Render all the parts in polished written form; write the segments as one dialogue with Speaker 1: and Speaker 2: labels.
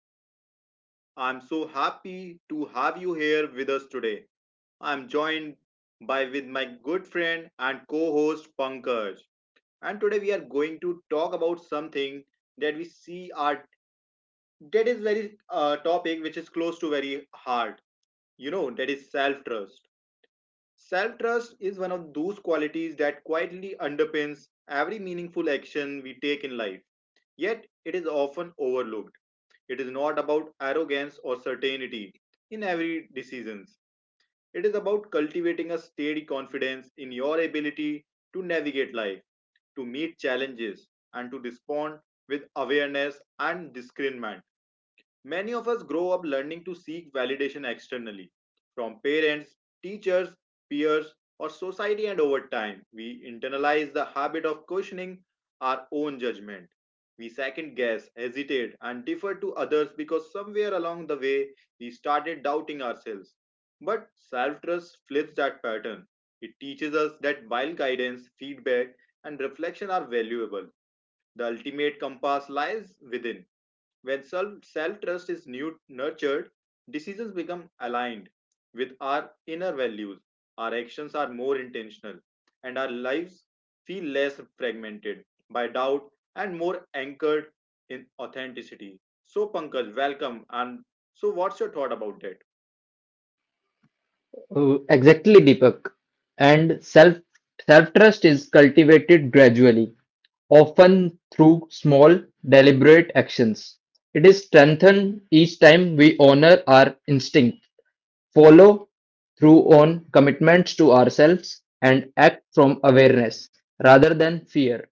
Speaker 1: podcast. I'm so happy to have you here with us today. I'm joined by with my good friend and co-host Pankaj. And today we are going to talk about something that we see are that is very topic which is close to very heart. You know that is self-trust. Self-trust is one of those qualities that quietly underpins every meaningful action we take in life. Yet it is often overlooked. It is not about arrogance or certainty in every decision. It is about cultivating a steady confidence in your ability to navigate life, to meet challenges, and to respond with awareness and discernment. Many of us grow up learning to seek validation externally from parents, teachers, peers, or society, and over time, we internalize the habit of questioning our own judgment. We second guess, hesitate, and defer to others because somewhere along the way we started doubting ourselves. But self trust flips that pattern. It teaches us that while guidance, feedback, and reflection are valuable, the ultimate compass lies within. When self trust is nurtured, decisions become aligned with our inner values. Our actions are more intentional, and our lives feel less fragmented by doubt and more anchored in authenticity. So, Pankaj, welcome. And so, what's your thought about that?
Speaker 2: Exactly, Deepak. And self trust is cultivated gradually, often through small, deliberate actions. It is strengthened each time we honor our instinct, follow through on commitments to ourselves and act from awareness rather than fear.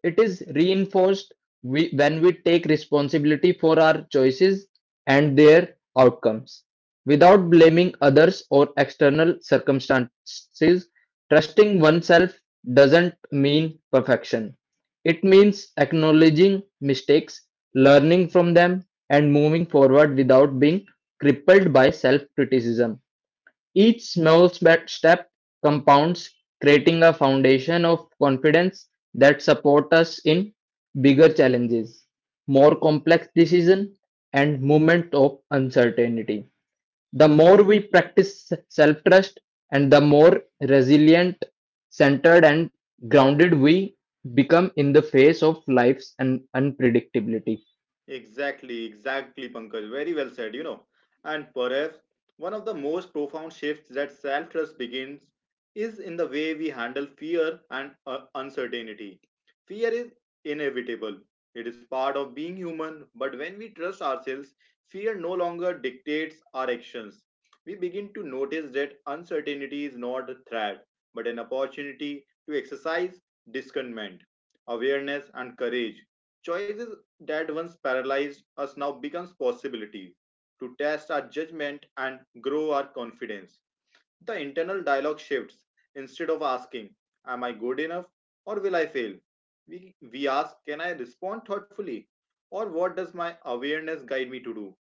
Speaker 2: It is reinforced when we take responsibility for our choices and their outcomes. Without blaming others or external circumstances, trusting oneself doesn't mean perfection. It means acknowledging mistakes, learning from them, and moving forward without being crippled by self-criticism. Each small step compounds, creating a foundation of confidence that supports us in bigger challenges, more complex decisions, and moments of uncertainty. The more we practice self trust, and the more resilient, centered, and grounded we become in the face of life's unpredictability.
Speaker 1: Exactly, exactly, Pankaj. Very well said, you know. And perhaps one of the most profound shifts that self trust begins is in the way we handle fear and uncertainty. Fear is inevitable, it is part of being human, but when we trust ourselves, fear no longer dictates our actions. We begin to notice that uncertainty is not a threat, but an opportunity to exercise discernment, awareness, and courage. Choices that once paralyzed us now becomes possibility to test our judgment and grow our confidence. The internal dialogue shifts. Instead of asking, "Am I good enough or will I fail?" We ask, "Can I respond thoughtfully? Or what does my awareness guide me to do?"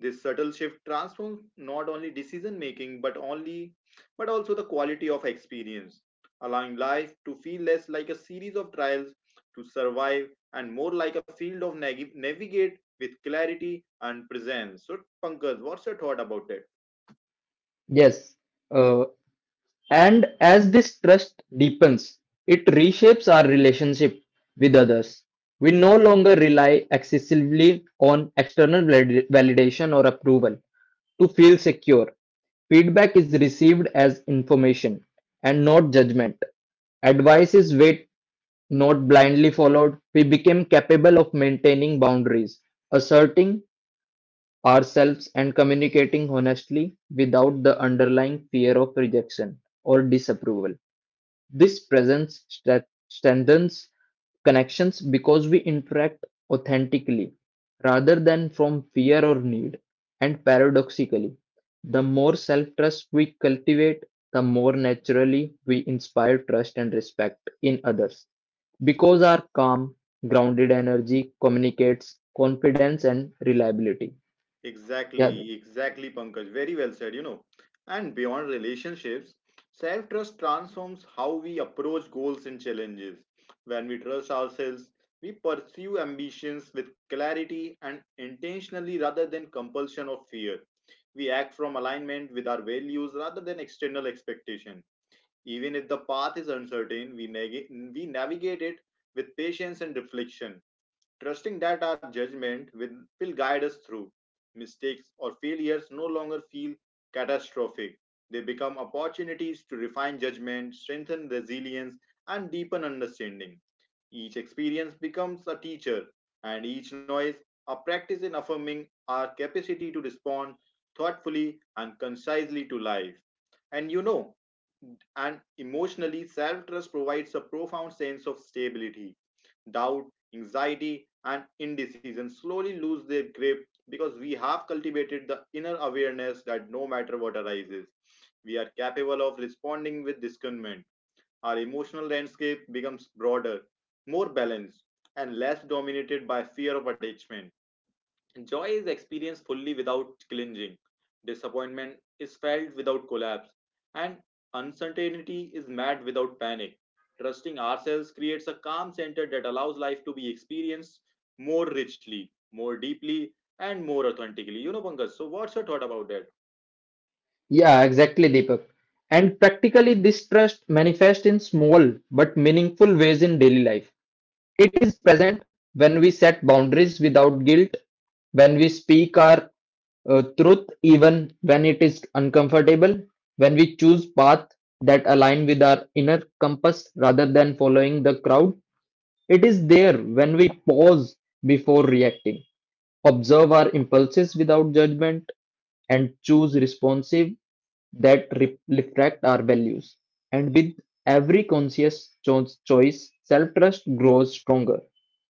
Speaker 1: This subtle shift transforms not only decision making but also the quality of experience, allowing life to feel less like a series of trials to survive and more like a field of navigate with clarity and presence. So Pankaj, what's your thought about that?
Speaker 2: Yes. uh, And as this trust deepens, it reshapes our relationship with others. We no longer rely excessively on external validation or approval to feel secure. Feedback is received as information and not judgment. Advice is weighed, not blindly followed. We became capable of maintaining boundaries, asserting ourselves and communicating honestly without the underlying fear of rejection or disapproval. This presence strengthens connections because we interact authentically rather than from fear or need. And paradoxically, the more self trust we cultivate, the more naturally we inspire trust and respect in others because our calm, grounded energy communicates confidence and reliability. Yeah,
Speaker 1: Exactly, exactly, Pankaj. Very well said, you know. And beyond relationships, self trust transforms how we approach goals and challenges. When we trust ourselves, we pursue ambitions with clarity and intentionally rather than compulsion or fear. We act from alignment with our values rather than external expectation. Even if the path is uncertain, we navigate it with patience and reflection, trusting that our judgment will guide us through. Mistakes or failures no longer feel catastrophic. They become opportunities to refine judgment, strengthen resilience, and deepen understanding. Each experience becomes a teacher, and each noise a practice in affirming our capacity to respond thoughtfully and concisely to life. And you know, and emotionally, self trust provides a profound sense of stability. Doubt, anxiety, and indecision slowly lose their grip because we have cultivated the inner awareness that no matter what arises, we are capable of responding with discernment. Our emotional landscape becomes broader, more balanced, and less dominated by fear of attachment. Joy is experienced fully without clinging. Disappointment is felt without collapse. And uncertainty is met without panic. Trusting ourselves creates a calm center that allows life to be experienced more richly, more deeply, and more authentically. You know, Pankaj, so what's your thought about that?
Speaker 2: yeah, exactly, Deepak. And practically, this trust manifests in small but meaningful ways in daily life. It is present when we set boundaries without guilt, when we speak our truth even when it is uncomfortable, when we choose paths that align with our inner compass rather than following the crowd. It is there when we pause before reacting, observe our impulses without judgment and choose responsive that reflect our values. And with every conscious choice, self trust grows stronger,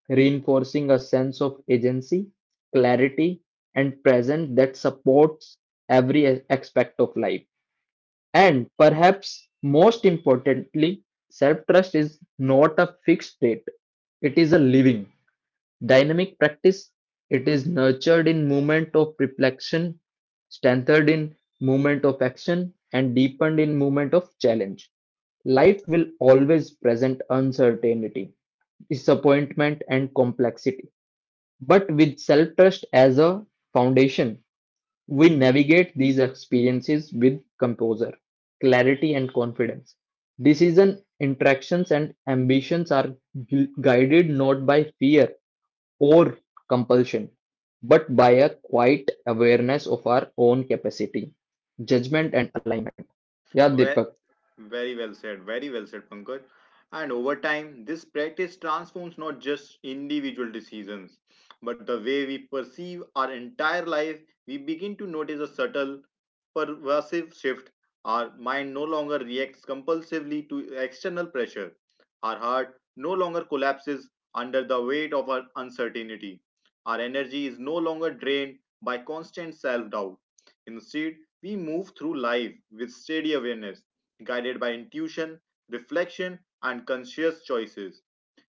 Speaker 2: reinforcing a sense of agency, clarity, and presence that supports every aspect of life. And perhaps most importantly, self trust is not a fixed state, it is a living dynamic practice, it is nurtured in moment of reflection, strengthened in moment of action, and deepened in moment of challenge. Life will always present uncertainty, disappointment, and complexity. But with self trust as a foundation, we navigate these experiences with composure, clarity, and confidence. Decision, interactions, and ambitions are guided not by fear or compulsion, but by a quiet awareness of our own capacity, judgment, and alignment. Yeah, Deepak.
Speaker 1: Very well said. Very well said, Pankaj. And over time, this practice transforms not just individual decisions, but the way we perceive our entire life. We begin to notice a subtle, pervasive shift. Our mind no longer reacts compulsively to external pressure. Our heart no longer collapses under the weight of our uncertainty. Our energy is no longer drained by constant self doubt. Instead, we move through life with steady awareness guided by intuition, reflection, and conscious choices.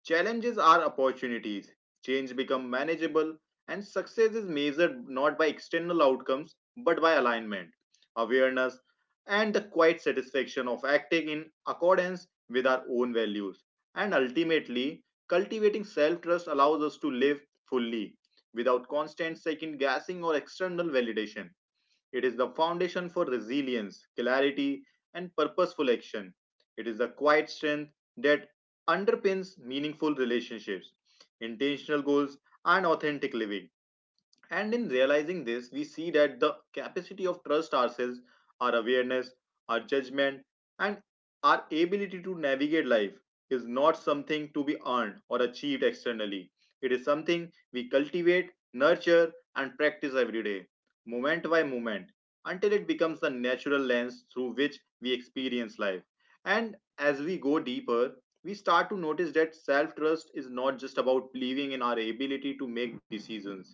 Speaker 1: Challenges are opportunities. Change becomes manageable, and success is measured not by external outcomes but by alignment, awareness, and the quiet satisfaction of acting in accordance with our own values. And ultimately, cultivating self trust allows us to live fully without constant second guessing or external validation. It is the foundation for resilience, clarity, and purposeful action. It is the quiet strength that underpins meaningful relationships, intentional goals, and authentic living. And in realizing this, we see that the capacity of trust ourselves, our awareness, our judgment, and our ability to navigate life is not something to be earned or achieved externally. It is something we cultivate, nurture, and practice every day, moment by moment, until it becomes the natural lens through which we experience life. And as we go deeper, we start to notice that self trust is not just about believing in our ability to make decisions.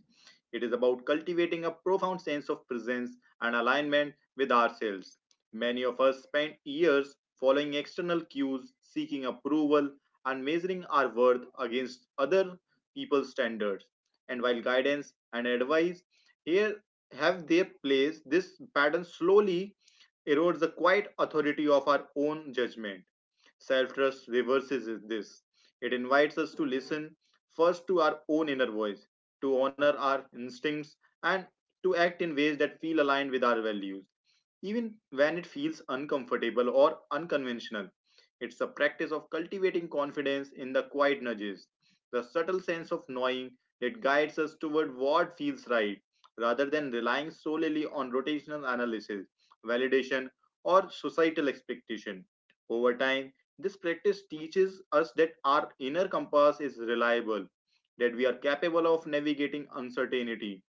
Speaker 1: It is about cultivating a profound sense of presence and alignment with ourselves. Many of us spend years following external cues, seeking approval, and measuring our worth against other people's standards. And while guidance and advice here have their place, this pattern slowly erodes the quiet authority of our own judgment. Self trust reverses this. It invites us to listen first to our own inner voice, to honor our instincts, and to act in ways that feel aligned with our values, even when it feels uncomfortable or unconventional. It's a practice of cultivating confidence in the quiet nudges, the subtle sense of knowing that guides us toward what feels right, rather than relying solely on rotational analysis, validation, or societal expectation. Over time, this practice teaches us that our inner compass is reliable, that we are capable of navigating uncertainty,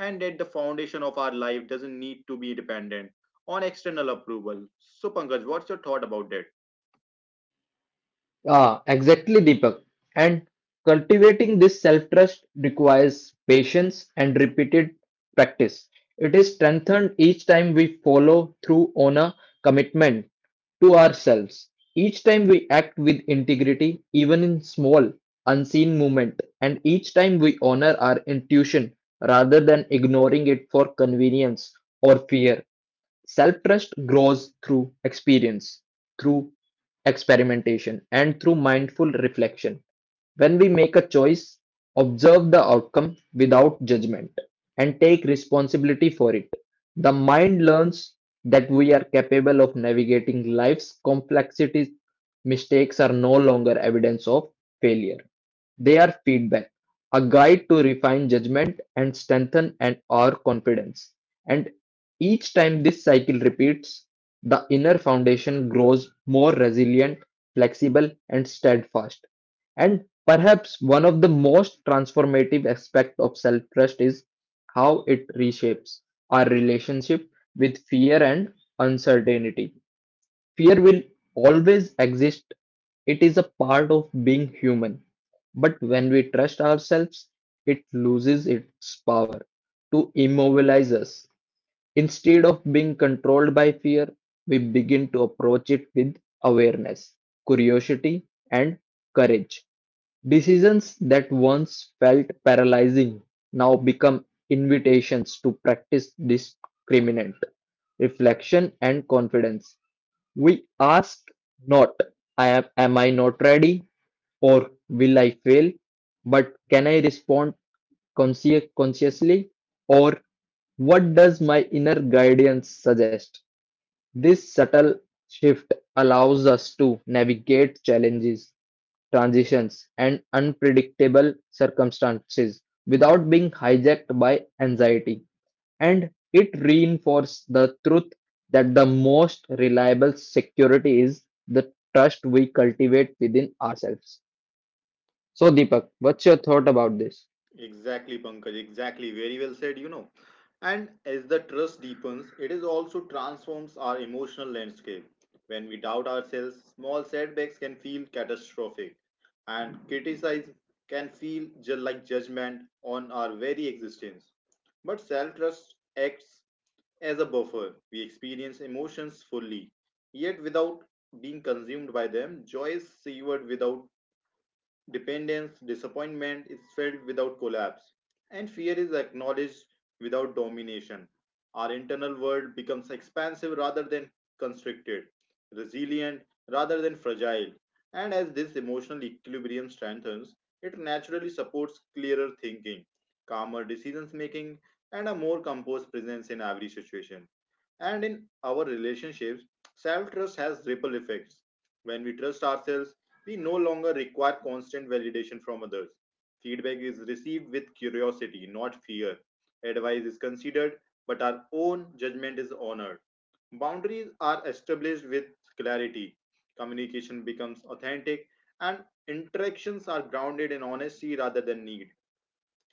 Speaker 1: and that the foundation of our life doesn't need to be dependent on external approval. So, Pankaj, what's your thought about that?
Speaker 2: Exactly, Deepak. And cultivating this self trust requires patience and repeated practice. It is strengthened each time we follow through on a commitment to ourselves. Each time we act with integrity, even in small, unseen movement, and each time we honor our intuition rather than ignoring it for convenience or fear. Self-trust grows through experience, through experimentation, and through mindful reflection. When we make a choice, observe the outcome without judgment and take responsibility for it, the mind learns that we are capable of navigating life's complexities. Mistakes are no longer evidence of failure, they are feedback, a guide to refine judgment and strengthen and our confidence. And each time this cycle repeats, the inner foundation grows more resilient, flexible, and steadfast. And perhaps one of the most transformative aspects of self trust is how it reshapes our relationship with fear and uncertainty. Fear will always exist, it is a part of being human. But when we trust ourselves, it loses its power to immobilize us. Instead of being controlled by fear, we begin to approach it with awareness, curiosity, and courage. Decisions that once felt paralyzing now become invitations to practice discriminant reflection and confidence. We ask not, I "Am I not ready?" or "Will I fail?" but "Can I respond consciously?" or "What does my inner guidance suggest?" This subtle shift allows us to navigate challenges, transitions, and unpredictable circumstances without being hijacked by anxiety, and it reinforced the truth that the most reliable security is the trust we cultivate within ourselves. So, Deepak, what's your thought about this?
Speaker 1: Exactly, Pankaj. Exactly. Very well said, you know. And as the trust deepens, it is also transforms our emotional landscape. When we doubt ourselves, small setbacks can feel catastrophic, and criticism can feel like judgment on our very existence. But self trust acts as a buffer. We experience emotions fully, yet without being consumed by them. Joy is savored without dependence, disappointment is felt without collapse, and fear is acknowledged without domination. Our internal world becomes expansive rather than constricted, resilient rather than fragile. And as this emotional equilibrium strengthens, it naturally supports clearer thinking, calmer decisions making, and a more composed presence in every situation. And in our relationships, self trust has ripple effects. When we trust ourselves, we no longer require constant validation from others. Feedback is received with curiosity, not fear. Advice is considered, but our own judgment is honored. Boundaries are established with clarity. Communication becomes authentic, and interactions are grounded in honesty rather than need.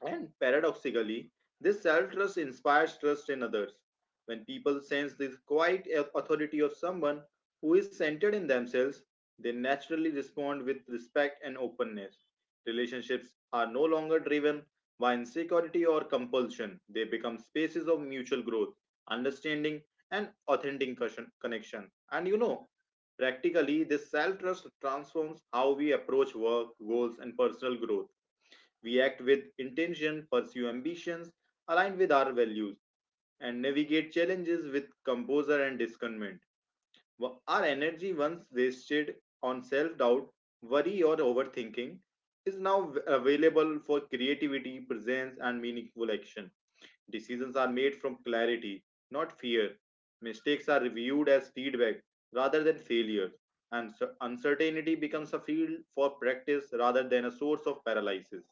Speaker 1: And paradoxically, this self trust inspires trust in others. When people sense the quiet authority of someone who is centered in themselves, they naturally respond with respect and openness. Relationships are no longer driven by insecurity or compulsion, they become spaces of mutual growth, understanding, and authentic connection. And you know, practically, this self trust transforms how we approach work, goals, and personal growth. We act with intention, pursue ambitions aligned with our values, and navigate challenges with composure and discernment. Our energy, once wasted on self doubt, worry, or overthinking, is now available for creativity, presence, and meaningful action. Decisions are made from clarity, not fear. Mistakes are viewed as feedback rather than failure, and uncertainty becomes a field for practice rather than a source of paralysis.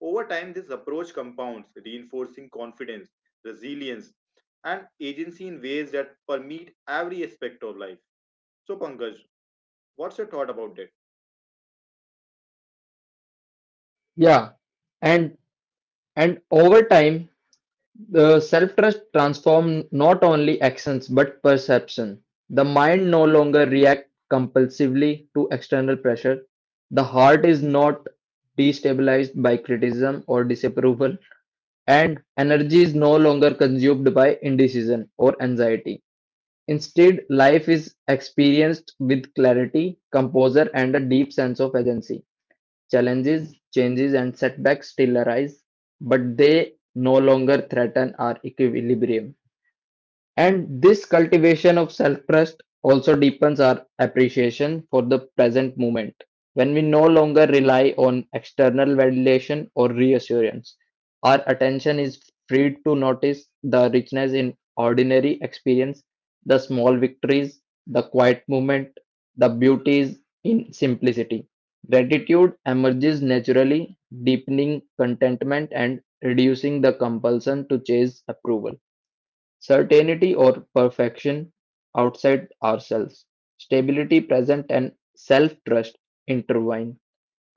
Speaker 1: Over time, this approach compounds, reinforcing confidence, resilience, and agency in ways that permeate every aspect of life. So, Pankaj, what's your thought about that?
Speaker 2: Yeah, and and over time, the self trust transform not only actions but perception. The mind no longer reacts compulsively to external pressure. The heart is not destabilized by criticism or disapproval. And energy is no longer consumed by indecision or anxiety. Instead, life is experienced with clarity, composure, and a deep sense of agency. Challenges, changes, and setbacks still arise, but they no longer threaten our equilibrium. And this cultivation of self trust also deepens our appreciation for the present moment. When we no longer rely on external validation or reassurance, our attention is freed to notice the richness in ordinary experience, the small victories, the quiet movement, the beauties in simplicity. Gratitude emerges naturally, deepening contentment and reducing the compulsion to chase approval. Certainty or perfection outside ourselves, stability present and self-trust intertwine,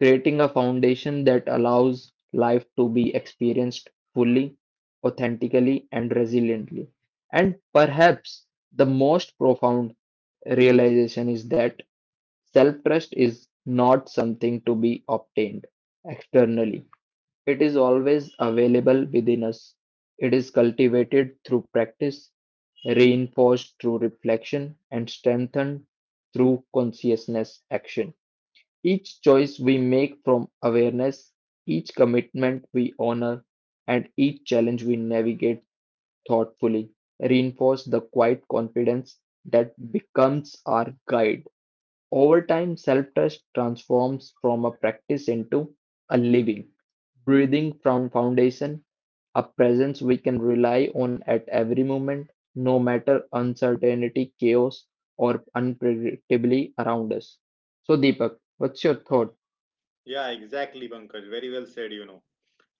Speaker 2: creating a foundation that allows life to be experienced fully, authentically and resiliently. And perhaps the most profound realization is that self-trust is not something to be obtained externally, it is always available within us; it is cultivated through practice, reinforced through reflection, and strengthened through consciousness action. Each choice we make from awareness, each commitment we honor, and each challenge we navigate thoughtfully reinforce the quiet confidence that becomes our guide. Over time, self-trust transforms from a practice into a living, breathing from foundation, a presence we can rely on at every moment, no matter uncertainty, chaos, or unpredictably around us. So, Deepak, what's your thought?
Speaker 1: Yeah, exactly, Pankaj. Very well said, you know.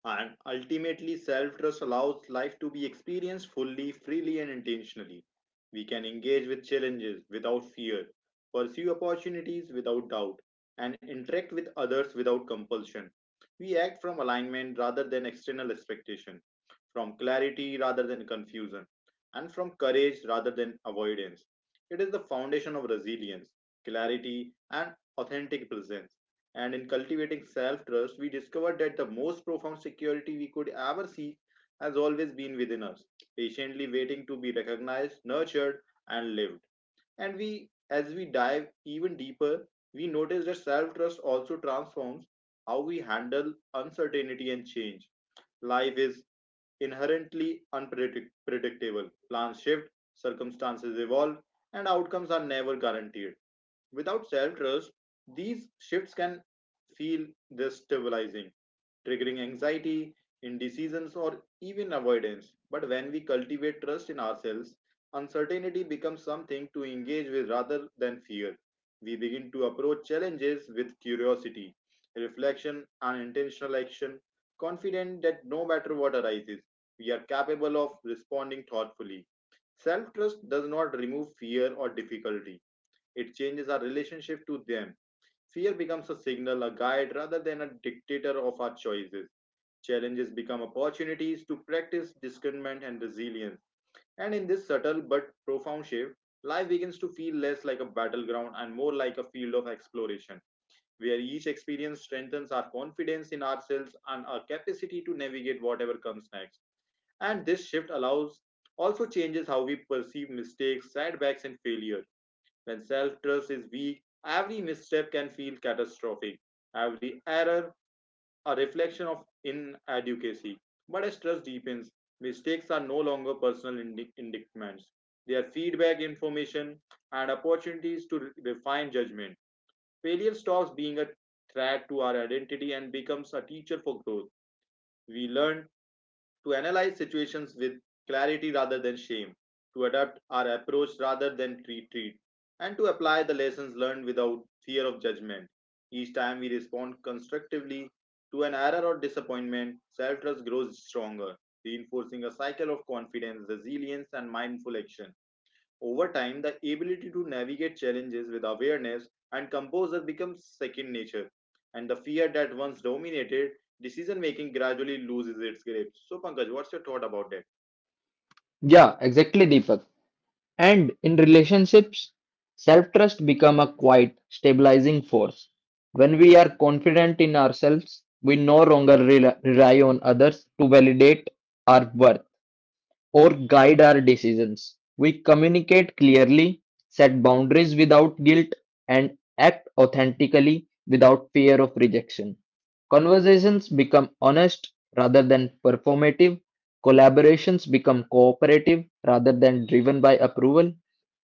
Speaker 1: And ultimately, self trust allows life to be experienced fully, freely, and intentionally. We can engage with challenges without fear, pursue opportunities without doubt, and interact with others without compulsion. We act from alignment rather than external expectation, from clarity rather than confusion, and from courage rather than avoidance. It is the foundation of resilience, clarity, and authentic presence. And in cultivating self trust, we discovered that the most profound security we could ever seek has always been within us, patiently waiting to be recognized, nurtured, and lived. And we, as we dive even deeper, we notice that self trust also transforms how we handle uncertainty and change. Life is inherently unpredictable, plans shift, circumstances evolve, and outcomes are never guaranteed. Without self trust, these shifts can feel destabilizing, triggering anxiety, indecisions, or even avoidance. But when we cultivate trust in ourselves, uncertainty becomes something to engage with rather than fear. We begin to approach challenges with curiosity, reflection, and intentional action, confident that no matter what arises, we are capable of responding thoughtfully. Self trust does not remove fear or difficulty, it changes our relationship to them. Fear becomes a signal, a guide, rather than a dictator of our choices. Challenges become opportunities to practice discernment and resilience. And in this subtle but profound shift, life begins to feel less like a battleground and more like a field of exploration, where each experience strengthens our confidence in ourselves and our capacity to navigate whatever comes next. And this shift allows Also changes how we perceive mistakes, setbacks, and failure. When self trust is weak, every misstep can feel catastrophic, every error a reflection of inadequacy. But as trust deepens, mistakes are no longer personal indictments. They are feedback information and opportunities to refine judgment. Failure stops being a threat to our identity and becomes a teacher for growth. We learn to analyze situations with clarity rather than shame, to adapt our approach rather than retreat, and to apply the lessons learned without fear of judgment. Each time we respond constructively to an error or disappointment, self trust grows stronger, reinforcing a cycle of confidence, resilience, and mindful action. Over time, the ability to navigate challenges with awareness and composure becomes second nature, and the fear that once dominated decision making gradually loses its grip. So, Pankaj, what's your thought about that?
Speaker 2: Yeah, exactly, Deepak. And in relationships, self trust become a quiet, stabilizing force. When we are confident in ourselves, we no longer rely on others to validate our worth or guide our decisions. We communicate clearly, set boundaries without guilt, and act authentically without fear of rejection. Conversations become honest rather than performative. Collaborations become cooperative rather than driven by approval.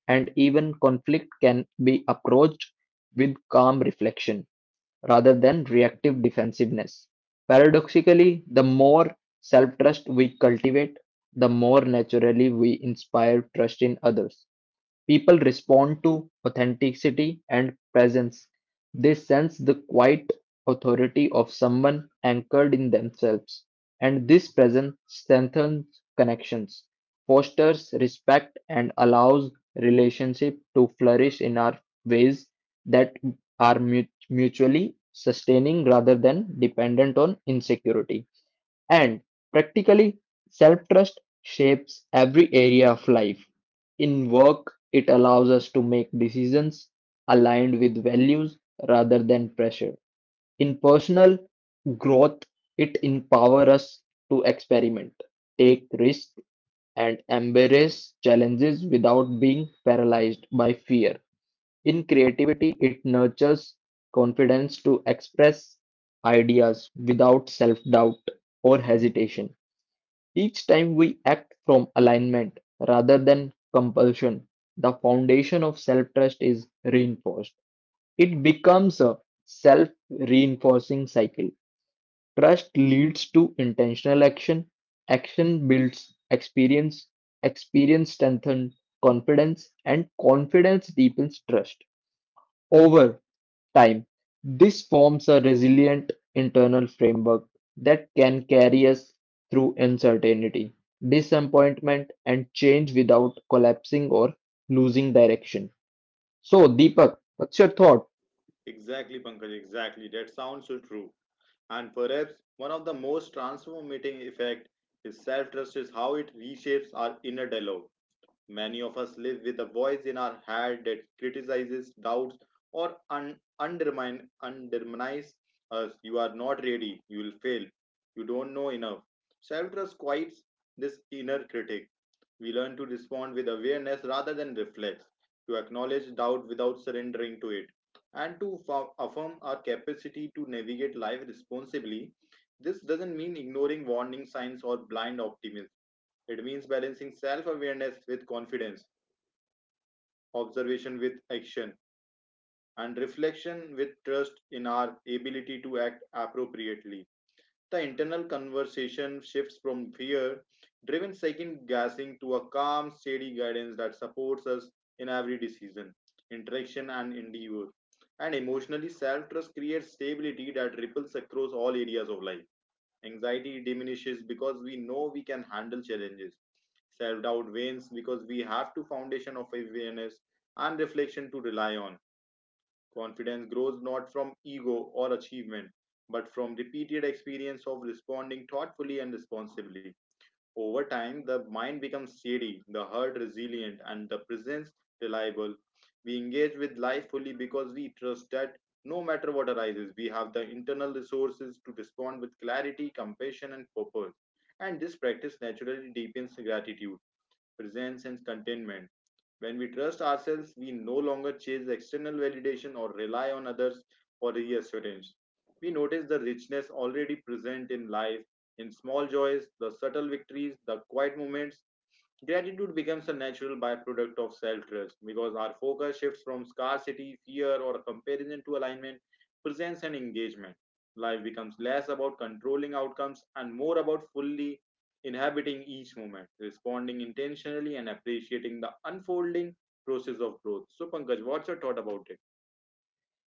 Speaker 2: And even conflict can be approached with calm reflection rather than reactive defensiveness. Paradoxically, the more self-trust we cultivate, the more naturally we inspire trust in others. People respond to authenticity and presence. They sense the quiet authority of someone anchored in themselves, and this presence strengthens connections, fosters respect, and allows relationship to flourish in our ways that are mutually sustaining rather than dependent on insecurity. And practically, self trust shapes every area of life. In work, it allows us to make decisions aligned with values rather than pressure. In personal growth, it empowers us to experiment, take risks, and embrace challenges without being paralyzed by fear. In creativity, it nurtures confidence to express ideas without self doubt or hesitation. Each time we act from alignment rather than compulsion, the foundation of self trust is reinforced. It becomes a self reinforcing cycle. Trust leads to intentional action, action builds experience, experience strengthens confidence, and confidence deepens trust. Over time, this forms a resilient internal framework that can carry us through uncertainty, disappointment, and change without collapsing or losing direction. So, Deepak, what's your thought?
Speaker 1: Exactly, Pankaj, exactly. That sounds so true. And perhaps one of the most transformating effect is self trust is how it reshapes our inner dialogue. Many of us live with a voice in our head that criticizes, doubts, or undermines us. You are not ready. You will fail. You don't know enough. Self trust quiets this inner critic. We learn to respond with awareness rather than reflex, to acknowledge doubt without surrendering to it, and to affirm our capacity to navigate life responsibly. This doesn't mean ignoring warning signs or blind optimism, it means balancing self awareness with confidence, observation with action, and reflection with trust in our ability to act appropriately. The internal conversation shifts from fear driven second guessing to a calm, steady guidance that supports us in every decision, interaction, and endeavor. And emotionally, self trust creates stability that ripples across all areas of life. Anxiety diminishes because we know we can handle challenges, self-doubt wanes because we have to foundation of awareness and reflection to rely on, confidence grows not from ego or achievement but from repeated experience of responding thoughtfully and responsibly. Over time, the mind becomes steady, the heart resilient, and the presence reliable. We engage with life fully because we trust that no matter what arises, we have the internal resources to respond with clarity, compassion, and purpose. And this practice naturally deepens gratitude, presence, and contentment. When we trust ourselves, we no longer chase external validation or rely on others for reassurance. We notice the richness already present in life, in small joys, the subtle victories, the quiet moments. Gratitude becomes a natural byproduct of self trust because our focus shifts from scarcity, fear, or comparison to alignment, presence, and engagement. Life becomes less about controlling outcomes and more about fully inhabiting each moment, responding intentionally, and appreciating the unfolding process of growth. So, Pankaj, what's your thought about it?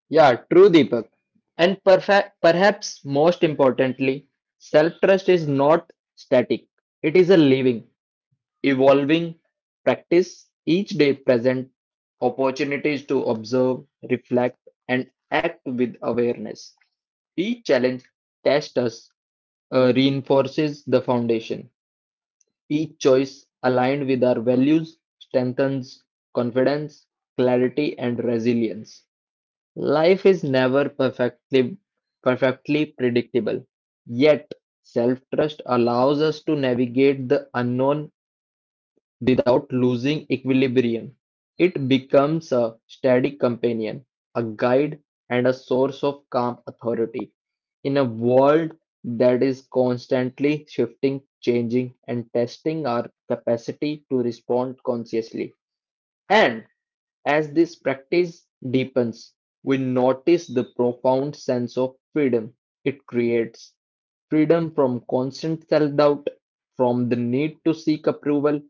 Speaker 2: Yeah, true, Deepak. And perhaps most importantly, self trust is not static, it is a living, evolving practice. Each day presents opportunities to observe, reflect, and act with awareness. Each challenge tests us, reinforces the foundation. Each choice aligned with our values strengthens confidence, clarity, and resilience. Life is never perfectly predictable, yet self trust allows us to navigate the unknown without losing equilibrium. It becomes a steady companion, a guide, and a source of calm authority in a world that is constantly shifting, changing, and testing our capacity to respond consciously. And as this practice deepens, we notice the profound sense of freedom it creates, freedom from constant self doubt, from the need to seek approval,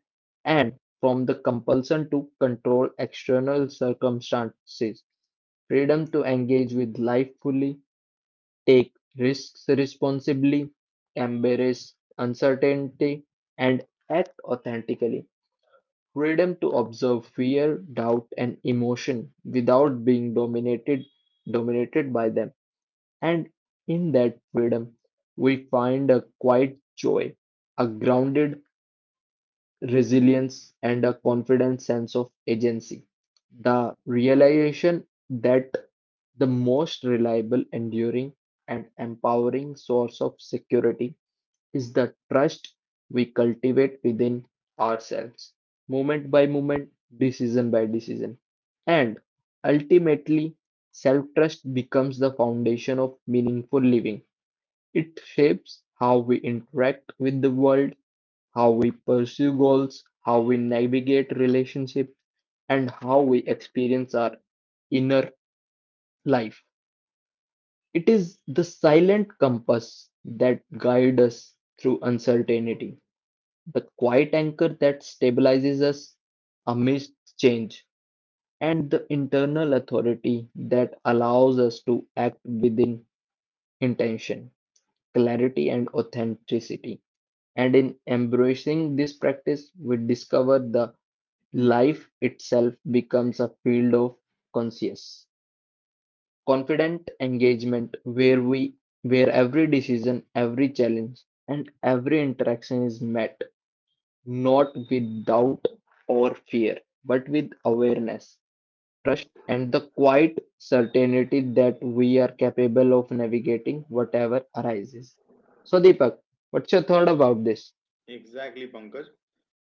Speaker 2: and from the compulsion to control external circumstances. Freedom to engage with life fully, take risks responsibly, embrace uncertainty, and act authentically. Freedom to observe fear, doubt, and emotion without being dominated by them. And in that freedom, we find a quiet joy, a grounded resilience, and a confident sense of agency. The realization that the most reliable, enduring, and empowering source of security is the trust we cultivate within ourselves, moment by moment, decision by decision. And ultimately, self trust becomes the foundation of meaningful living. It shapes how we interact with the world, how we pursue goals, how we navigate relationships, and how we experience our inner life. It is the silent compass that guides us through uncertainty, the quiet anchor that stabilizes us amidst change, and the internal authority that allows us to act within intention, clarity, and authenticity. And in embracing this practice, we discover the life itself becomes a field of conscious, confident engagement where every decision, every challenge, and every interaction is met not with doubt or fear, but with awareness, trust, and the quiet certainty that we are capable of navigating whatever arises. So, Deepak, what's your thought about this?
Speaker 1: Exactly, Pankaj,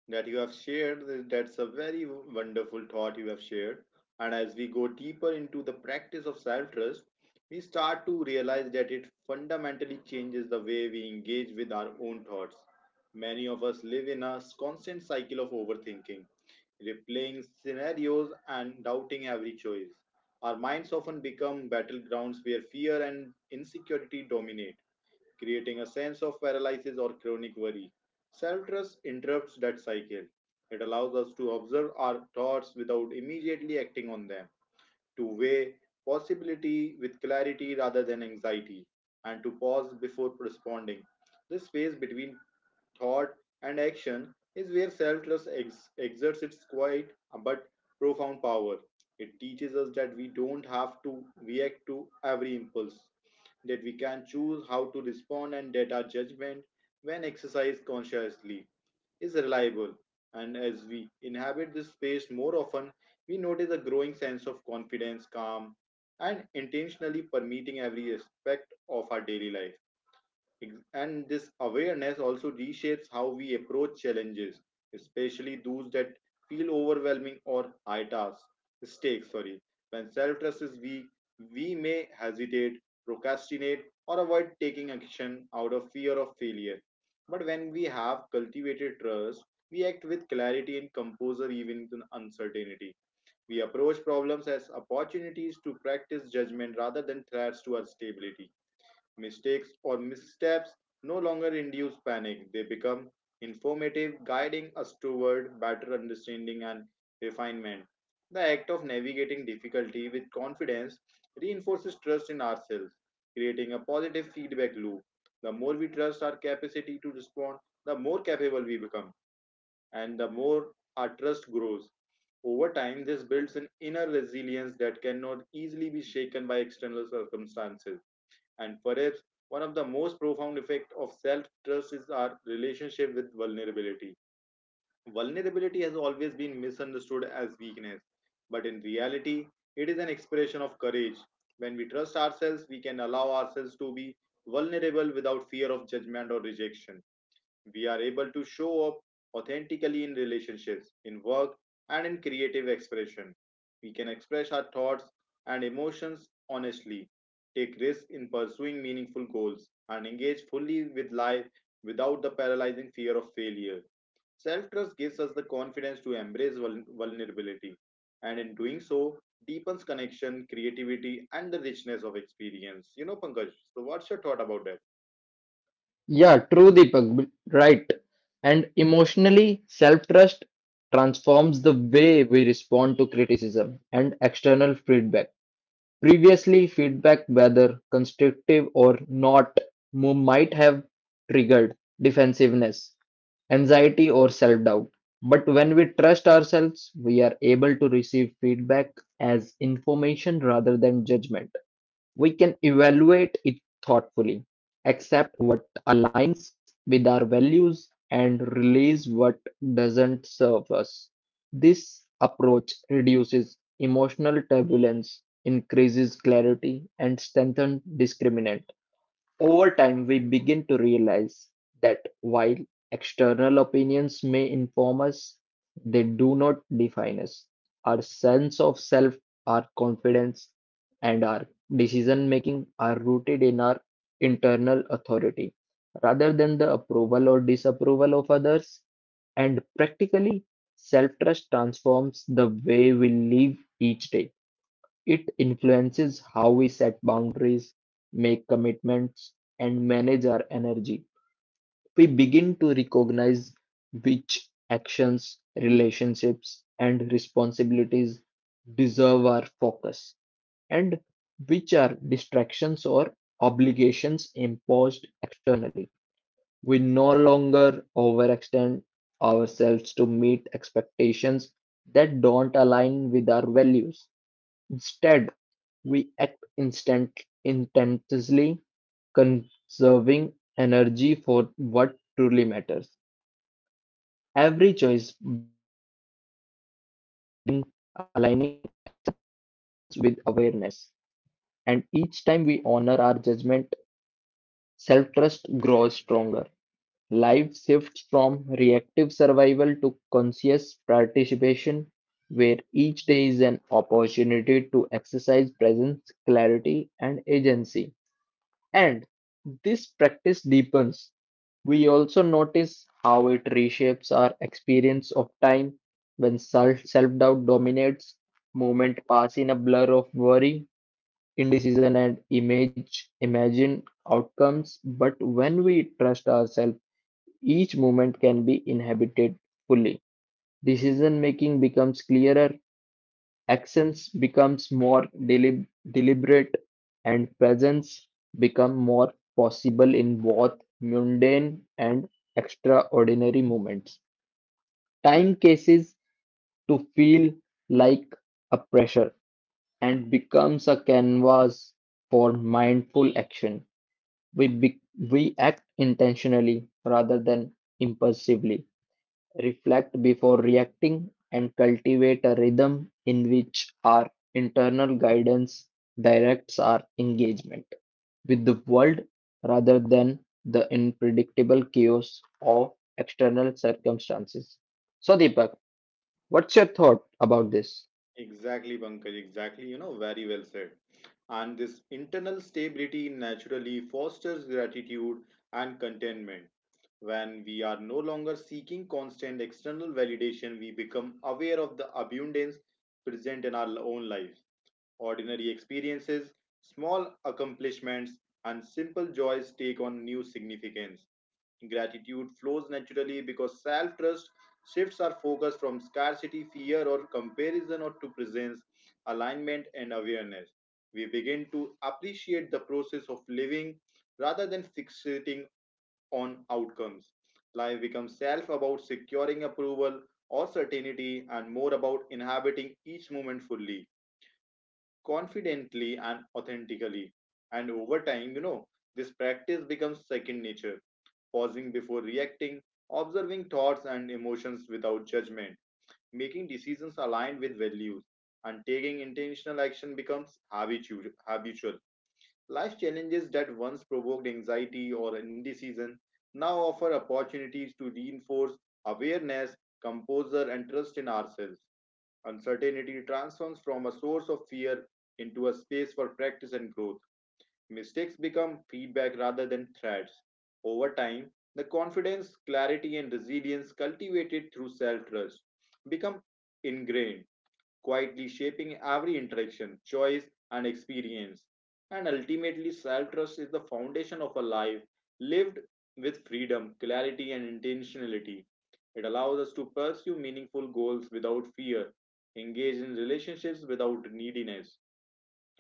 Speaker 1: that you have shared. That's a very wonderful thought you have shared. And as we go deeper into the practice of self trust, we start to realize that it fundamentally changes the way we engage with our own thoughts. Many of us live in a constant cycle of overthinking, replaying scenarios and doubting every choice. Our minds often become battlegrounds where fear and insecurity dominate, creating a sense of paralysis or chronic worry. Self trust interrupts that cycle. It allows us to observe our thoughts without immediately acting on them, to weigh possibility with clarity rather than anxiety, and to pause before responding. This space between thought and action is where self trust exerts its quiet but profound power. It teaches us that we don't have to react to every impulse, that we can choose how to respond, and that our judgment, when exercised consciously, is reliable. And as we inhabit this space more often, we notice a growing sense of confidence, calm, and intentionally permeating every aspect of our daily life. And this awareness also reshapes how we approach challenges, especially those that feel overwhelming or high task stakes. Sorry, when self-trust is weak, we may hesitate, procrastinate, or avoid taking action out of fear of failure. But when we have cultivated trust, we act with clarity and composure even in uncertainty. We approach problems as opportunities to practice judgment rather than threats to our stability. Mistakes or missteps no longer induce panic, they become informative, guiding us toward better understanding and refinement. The act of navigating difficulty with confidence reinforces trust in ourselves, creating a positive feedback loop. The more we trust our capacity to respond, the more capable we become and the more our trust grows. Over time, this builds an inner resilience that cannot easily be shaken by external circumstances. And perhaps one of the most profound effects of self trust is our relationship with vulnerability. Vulnerability has always been misunderstood as weakness, but in reality, it is an expression of courage. When we trust ourselves, we can allow ourselves to be vulnerable without fear of judgment or rejection. We are able to show up authentically in relationships, in work, and in creative expression. We can express our thoughts and emotions honestly, take risks in pursuing meaningful goals, and engage fully with life without the paralyzing fear of failure. Self trust gives us the confidence to embrace vulnerability, and in doing so, deepens connection, creativity, and the richness of experience. You know, Pankaj, so what's your thought about that?
Speaker 2: Yeah, true, Deepak. Right. And emotionally, self trust transforms the way we respond to criticism and external feedback. Previously, feedback whether constructive or not might have triggered defensiveness, anxiety or self-doubt. But when we trust ourselves, we are able to receive feedback as information rather than judgment. We can evaluate it thoughtfully, accept what aligns with our values, and release what doesn't serve us. This approach reduces emotional turbulence, increases clarity, and strengthens discriminant. Over time, we begin to realize that while external opinions may inform us, they do not define us. Our sense of self, our confidence, and our decision making are rooted in our internal authority rather than the approval or disapproval of others. And practically, self trust transforms the way we live each day. It influences how we set boundaries, make commitments, and manage our energy. We begin to recognize which actions, relationships, and responsibilities deserve our focus, and which are distractions or obligations imposed externally. We no longer overextend ourselves to meet expectations that don't align with our values. Instead, we act intensely, conserving energy for what truly matters. Every choice brings aligns with awareness, and each time we honor our judgment, self-trust grows stronger. Life shifts from reactive survival to conscious participation, where each day is an opportunity to exercise presence, clarity, and agency. And this practice deepens. We also notice how it reshapes our experience of time when self doubt dominates, moments pass in a blur of worry, indecision, and image imagine outcomes. But when we trust ourselves, each moment can be inhabited fully. Decision making becomes clearer, Accents becomes more deliberate and presence become more possible in both mundane and extraordinary moments. Time cases to feel like a pressure and becomes a canvas for mindful action. We, be, we act intentionally rather than impulsively. Reflect before reacting and cultivate a rhythm in which our internal guidance directs our engagement with the world rather than the unpredictable chaos of external circumstances. So, Deepak, what's your thought about this?
Speaker 1: Exactly, Pankaj, exactly, you know, very well said. And this internal stability naturally fosters gratitude and contentment. When we are no longer seeking constant external validation, we become aware of the abundance present in our own lives. Ordinary experiences, small accomplishments, and simple joys take on new significance. Gratitude flows naturally because self trust shifts our focus from scarcity, fear, or comparison or to presence, alignment, and awareness. We begin to appreciate the process of living rather than fixating on outcomes. Life becomes self about securing approval or certainty and more about inhabiting each moment fully, confidently, and authentically. And over time, you know, this practice becomes second nature, pausing before reacting, observing thoughts and emotions without judgment, making decisions aligned with values, and taking intentional action becomes habitual. Life challenges that once provoked anxiety or indecision now offer opportunities to reinforce awareness, composure, and trust in ourselves. Uncertainty transforms from a source of fear into a space for practice and growth. Mistakes become feedback rather than threats. Over time, the confidence, clarity, and resilience cultivated through self trust become ingrained, quietly shaping every interaction, choice, and experience. And ultimately, self trust is the foundation of a life lived with freedom, clarity, and intentionality. It allows us to pursue meaningful goals without fear, engage in relationships without neediness,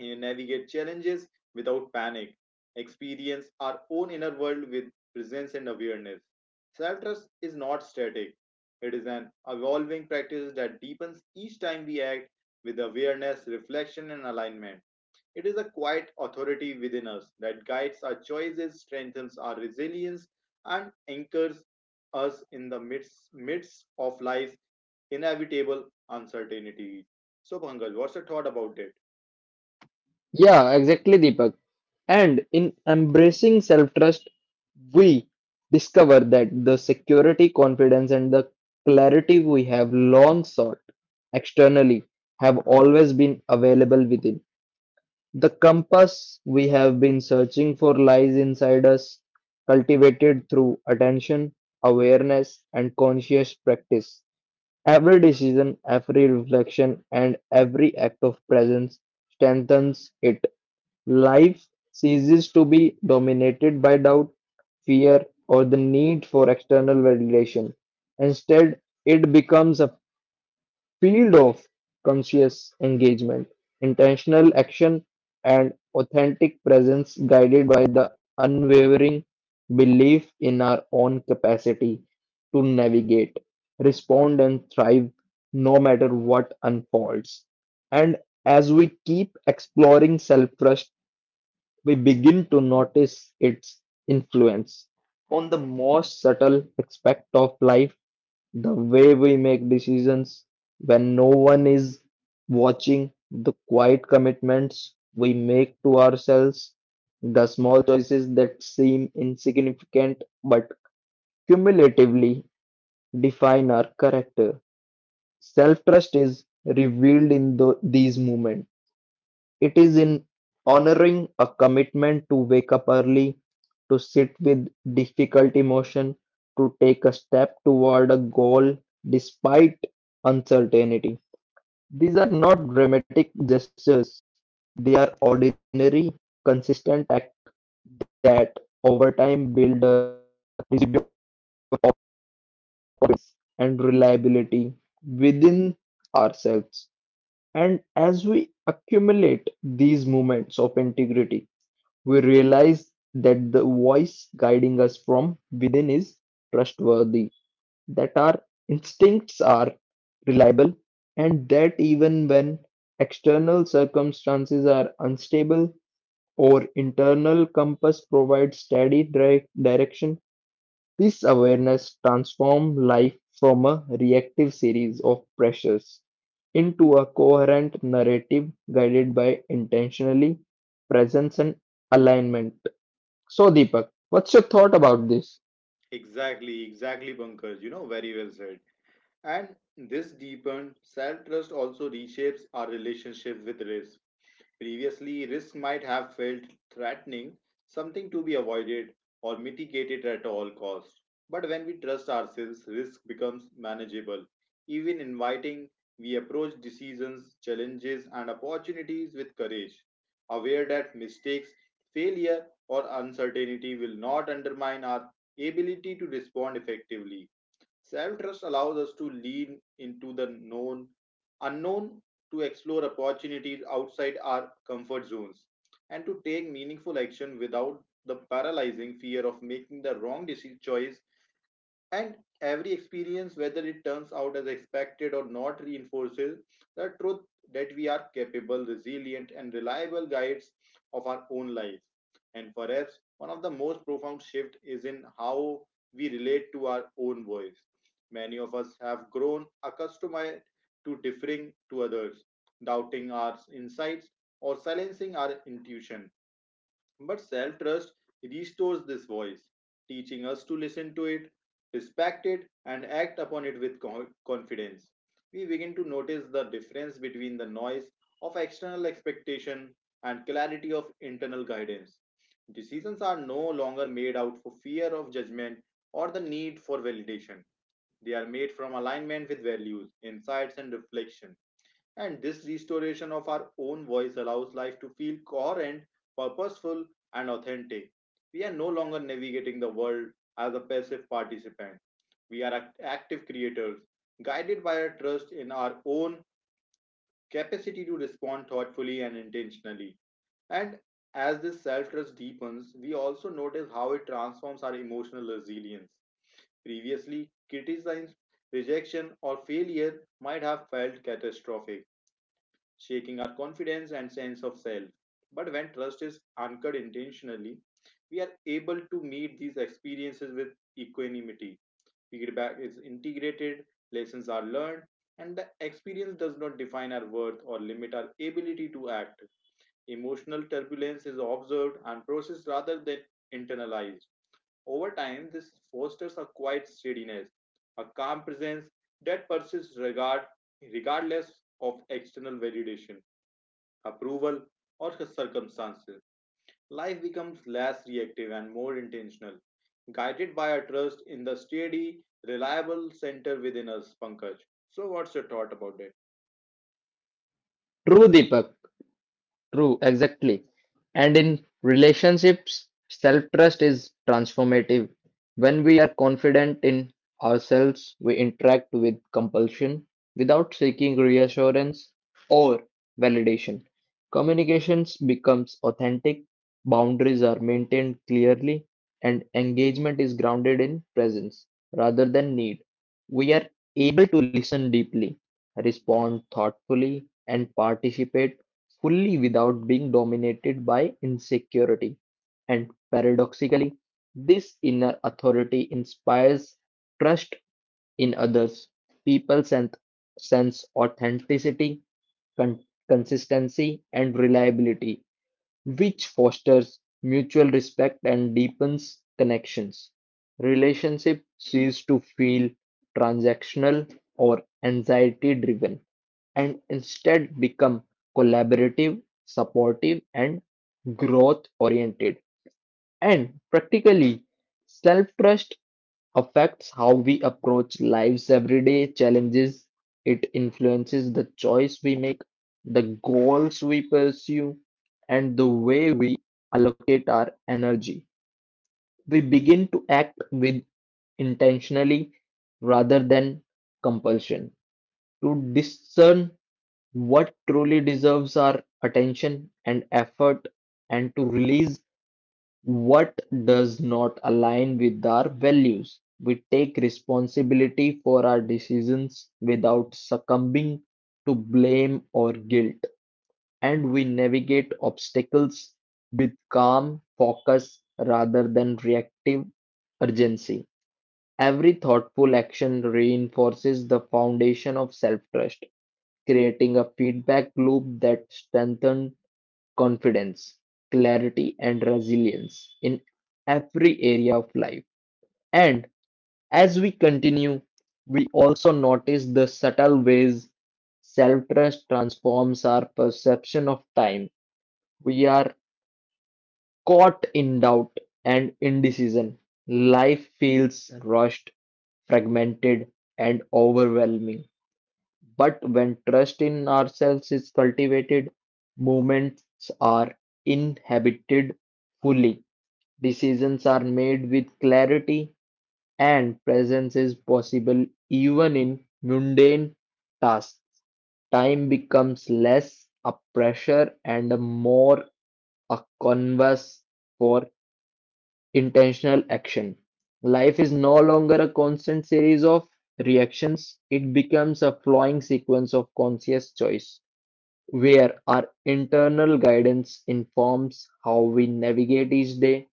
Speaker 1: and navigate challenges without panic, experience our own inner world with presence and awareness. Self trust is not static, it is an evolving practice that deepens each time we act with awareness, reflection, and alignment. It is a quiet authority within us that guides our choices, strengthens our resilience, and anchors us in the midst of life's inevitable uncertainty. So, Pangal, what's your thought about it?
Speaker 2: Yeah, exactly, Deepak. And in embracing self trust, we discover that the security, confidence, and the clarity we have long sought externally have always been available within. The compass we have been searching for lies inside us, cultivated through attention, awareness, and conscious practice. Every decision, every reflection, and every act of presence strengthens it. Life ceases to be dominated by doubt, fear, or the need for external validation. Instead, it becomes a field of conscious engagement, intentional action, and authentic presence guided by unwavering belief in our own capacity to navigate, respond, and thrive no matter what unfolds. And as we keep exploring self trust, we begin to notice its influence on the most subtle aspect of life the way we make decisions when no one is watching, the quiet commitments we make to ourselves, the small choices that seem insignificant but cumulatively define our character. Self trust is revealed in these moments. It is in honoring a commitment to wake up early, to sit with difficult emotion, to take a step toward a goal despite uncertainty. These are not dramatic gestures, they are ordinary, consistent acts that over time build a residue and reliability within ourselves. And as we accumulate these moments of integrity, we realize that the voice guiding us from within is trustworthy, that our instincts are reliable, and that even when external circumstances are unstable, our internal compass provides steady direction. This awareness transforms life from a reactive series of pressures into a coherent narrative guided by intentionally presence and alignment. So, Deepak, what's your thought about this?
Speaker 1: Exactly, exactly, Pankaj. You know, very well said. And this deepened self trust also reshapes our relationship with risk. Previously, risk might have felt threatening, something to be avoided or mitigated at all costs. But when we trust ourselves, risk becomes manageable. Even inviting, we approach decisions, challenges, and opportunities with courage, aware that mistakes, failure, or uncertainty will not undermine our ability to respond effectively. Self trust allows us to lean into the unknown, to explore opportunities outside our comfort zones, and to take meaningful action without the paralyzing fear of making the wrong decision choice. And every experience, whether it turns out as expected or not, reinforces the truth that we are capable, resilient, and reliable guides of our own lives. And perhaps one of the most profound shifts is in how we relate to our own voice. Many of us have grown accustomed to differing to others, doubting our insights, or silencing our intuition. But self trust restores this voice, teaching us to listen to it, respect it, and act upon it with confidence. We begin to notice the difference between the noise of external expectation and clarity of internal guidance. Decisions are no longer made out for fear of judgment or the need for validation. They are made from alignment with values, insights, and reflection, and this restoration of our own voice allows life to feel coherent, purposeful, and authentic. We are no longer navigating the world as a passive participant. We are active creators, guided by a trust in our own capacity to respond thoughtfully and intentionally. And as this self trust deepens, we also notice how it transforms our emotional resilience. Previously, criticism, rejection, or failure might have felt catastrophic, shaking our confidence and sense of self. But when trust is anchored intentionally, we are able to meet these experiences with equanimity. Feedback is integrated, lessons are learned, and the experience does not define our worth or limit our ability to act. Emotional turbulence is observed and processed rather than internalized. Over time, this fosters a quiet steadiness, a calm presence that regardless of external validation, approval, or circumstances. Life becomes less reactive and more intentional, guided by a trust in the steady, reliable center within us, Pankaj. So, what's your thought about it?
Speaker 2: True, Deepak. True, exactly. And in relationships, self trust is transformative. When we are confident in ourselves, we interact with compulsion without seeking reassurance or validation. Communications becomes authentic, boundaries are maintained clearly, and engagement is grounded in presence rather than need. We are able to listen deeply, respond thoughtfully, and participate fully without being dominated by insecurity. And paradoxically, this inner authority inspires trust in others. People sense, sense authenticity, consistency, and reliability, which fosters mutual respect and deepens connections. Relationship cease to feel transactional or anxiety driven and instead become collaborative, supportive, and growth oriented. And practically, self trust affects how we approach life's everyday challenges. It influences the choice we make, the goals we pursue, and the way we allocate our energy. We begin to act with intentionally rather than compulsion to discern what truly deserves our attention and effort and to release what does not align with our values. We take responsibility for our decisions without succumbing to blame or guilt, and we navigate obstacles with calm focus rather than reactive urgency. Every thoughtful action reinforces the foundation of self-trust, creating a feedback loop that strengthens confidence, clarity, and resilience in every area of life. And as we continue, we also notice the subtle ways self-trust transforms our perception of time. We are caught in doubt and indecision, life feels rushed, fragmented, and overwhelming. But when trust in ourselves is cultivated, moments are inhabited fully. Decisions are made with clarity, and presence is possible even in mundane tasks. Time becomes less a pressure and more a canvas for intentional action. Life is no longer a constant series of reactions, it becomes a flowing sequence of conscious choice, where our internal guidance informs how we navigate each day,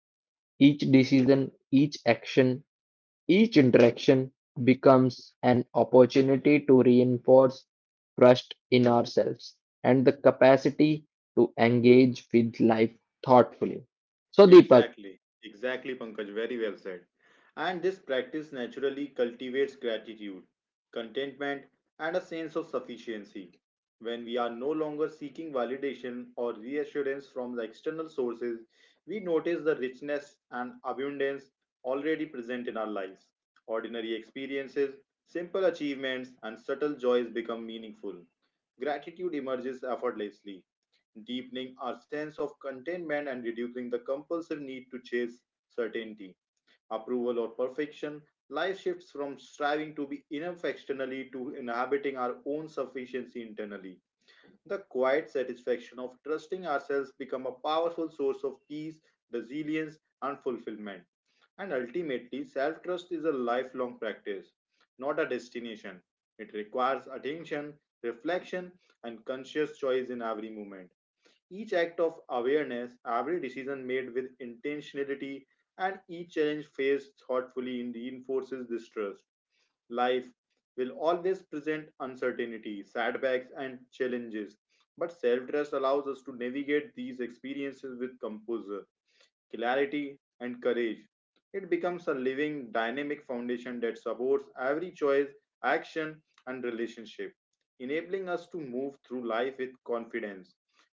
Speaker 2: each decision, each action, each interaction becomes an opportunity to reinforce trust in ourselves and the capacity to engage with life thoughtfully. So, Deepak,
Speaker 1: Exactly, exactly, Pankaj. Very well said. And this practice naturally cultivates gratitude, contentment, and a sense of sufficiency. When we are no longer seeking validation or reassurance from the external sources, we notice the richness and abundance already present in our lives. Ordinary experiences, simple achievements, and subtle joys become meaningful. Gratitude emerges effortlessly, deepening our sense of contentment and reducing the compulsive need to chase certainty, approval, or perfection. Life shifts from striving to be enough externally to inhabiting our own sufficiency internally. The quiet satisfaction of trusting ourselves becomes a powerful source of peace, resilience, and fulfillment. And ultimately, self-trust is a lifelong practice, not a destination. It requires attention, reflection, and conscious choice in every moment. Each act of awareness, every decision made with intentionality, and each challenge faced thoughtfully reinforces this trust. Life will always present uncertainty, setbacks, and challenges, but self trust allows us to navigate these experiences with composure, clarity, and courage. It becomes a living, dynamic foundation that supports every choice, action, and relationship, enabling us to move through life with confidence,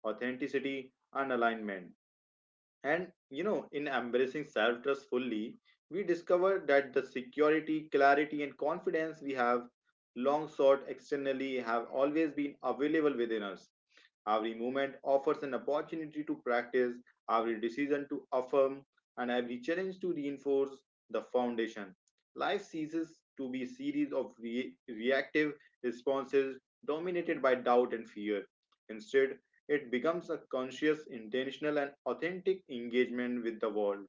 Speaker 1: authenticity, and alignment. And you know, in embracing self trust fully, we discover that the security, clarity, and confidence we have long sought externally have always been available within us. Every moment offers an opportunity to practice, every decision to affirm, and every challenge to reinforce the foundation. Life ceases to be a series of reactive responses dominated by doubt and fear. Instead, it becomes a conscious, intentional, and authentic engagement with the world.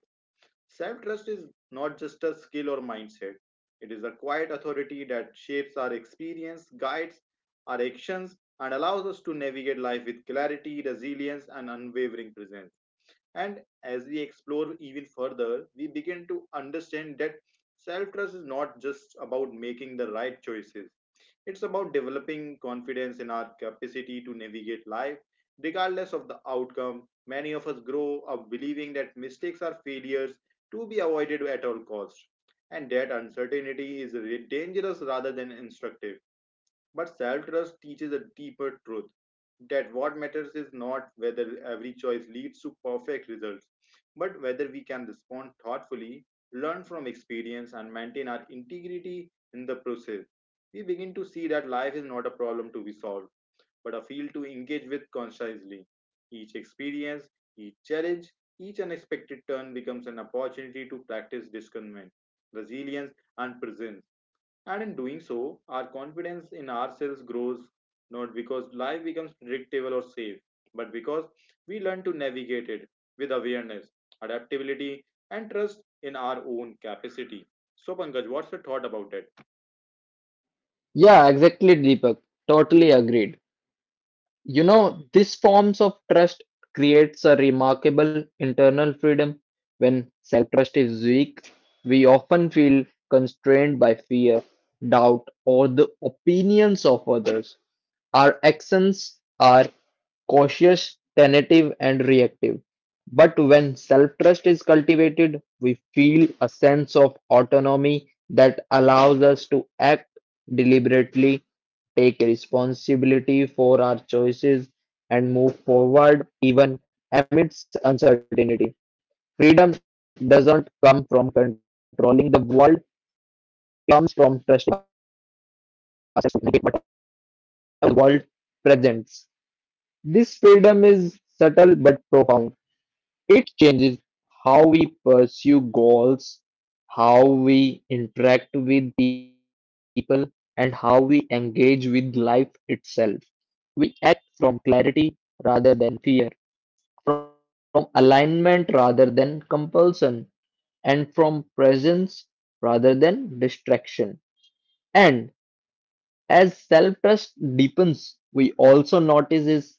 Speaker 1: Self trust is not just a skill or mindset, it is a quiet authority that shapes our experience, guides our actions, and allows us to navigate life with clarity, resilience, and unwavering presence. And as we explore even further, we begin to understand that self trust is not just about making the right choices, it's about developing confidence in our capacity to navigate life, regardless of the outcome. Many of us grow up believing that mistakes are failures to be avoided at all costs, and that uncertainty is dangerous rather than instructive. But self trust teaches a deeper truth, that what matters is not whether every choice leads to perfect results, but whether we can respond thoughtfully, learn from experience, and maintain our integrity in the process. We begin to see that life is not a problem to be solved, but a field to engage with consciously. Each experience, each challenge, each unexpected turn becomes an opportunity to practice discernment, resilience, and presence, and in doing so, our confidence in ourselves grows, not because life becomes predictable or safe, but because we learn to navigate it with awareness, adaptability, and trust in our own capacity. So, Pankaj, what's your thought about that?
Speaker 2: yeah, exactly, Deepak. Totally agreed. You know, these forms of trust creates a remarkable internal freedom. When self-trust is weak, we often feel constrained by fear, doubt, or the opinions of others. Our actions are cautious, tentative, and reactive. But when self trust is cultivated, we feel a sense of autonomy that allows us to act deliberately take responsibility for our choices and move forward even amidst uncertainty. Freedom doesn't come from controlling the world, it comes from trusting ourselves what the world presents. This freedom is subtle but profound. It changes how we pursue goals, how we interact with people, and how we engage with life itself. We act from clarity rather than fear. From alignment rather than compulsion, and from presence rather than distraction. And as self trust deepens, we also notice its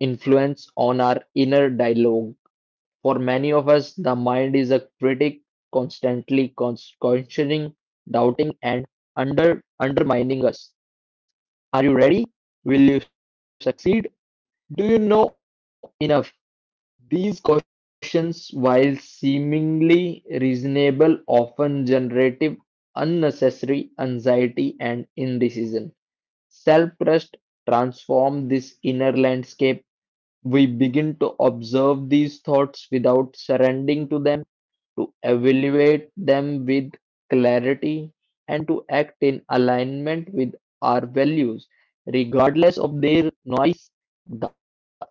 Speaker 2: influence on our inner dialogue. For many of us, the mind is a critic, constantly questioning, doubting, and under undermining us. Are you ready? Will you succeed? Do you know enough? These questions, while seemingly reasonable, often generate unnecessary anxiety and indecision. Self-trust transforms this inner landscape. We begin to observe these thoughts without surrendering to them, to evaluate them with clarity, and to act in alignment with our values. Regardless of their noise,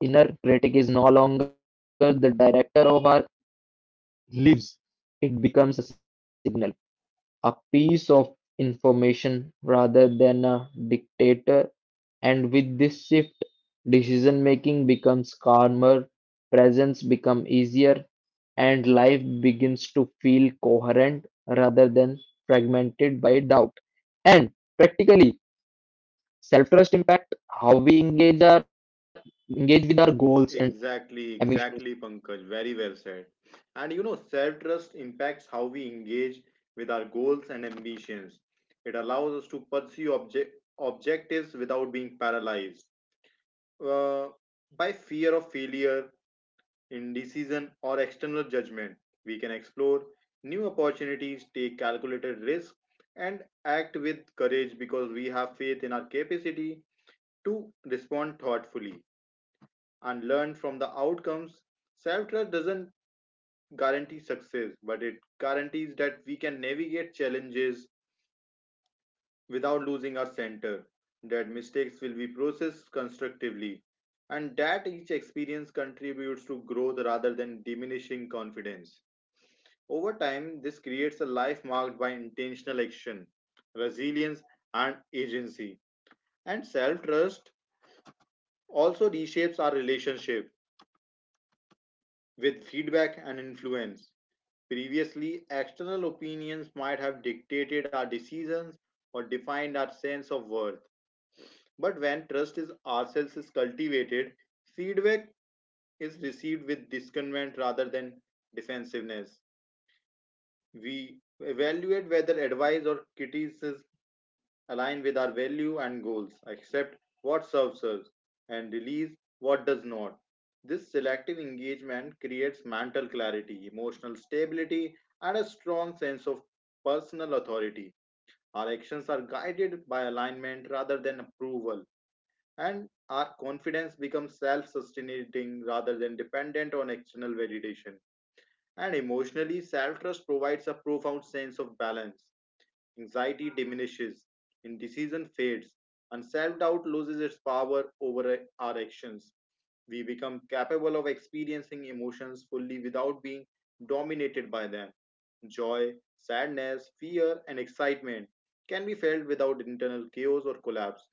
Speaker 2: the inner critic is no longer the director of our leaves it becomes a signal, a piece of information rather than a dictator. And with this shift, decision making becomes calmer, presence becomes easier, and life begins to feel coherent rather than fragmented by doubt. And practically, self trust impact how we engage with our goals
Speaker 1: Exactly,
Speaker 2: and
Speaker 1: exactly,
Speaker 2: ambitions.
Speaker 1: Pankaj. Very well said. And you know, self trust impacts how we engage with our goals and ambitions. It allows us to pursue objectives without being paralyzed uh, by fear of failure, indecision, or external judgment. We can explore new opportunities, take calculated risks, and act with courage because we have faith in our capacity to respond thoughtfully and learn from the outcomes. Self trust doesn't guarantee success, but it guarantees that we can navigate challenges without losing our center, that mistakes will be processed constructively, and that each experience contributes to growth rather than diminishing confidence. Over time, this creates a life marked by intentional action, resilience, and agency. And self trust also reshapes our relationship with feedback and influence. Previously, external opinions might have dictated our decisions or defined our sense of worth. But when trust in ourselves is cultivated, feedback is received with discernment rather than defensiveness. We evaluate whether advice or criticism align with our value and goals, accept what serves us, and release what does not. This selective engagement creates mental clarity, emotional stability, and a strong sense of personal authority. Our actions are guided by alignment rather than approval, and our confidence becomes self sustaining rather than dependent on external validation. And emotionally, self trust provides a profound sense of balance. Anxiety diminishes, indecision fades, and self doubt loses its power over our actions. We become capable of experiencing emotions fully without being dominated by them. Joy, sadness, fear, and excitement can be felt without internal chaos or collapse.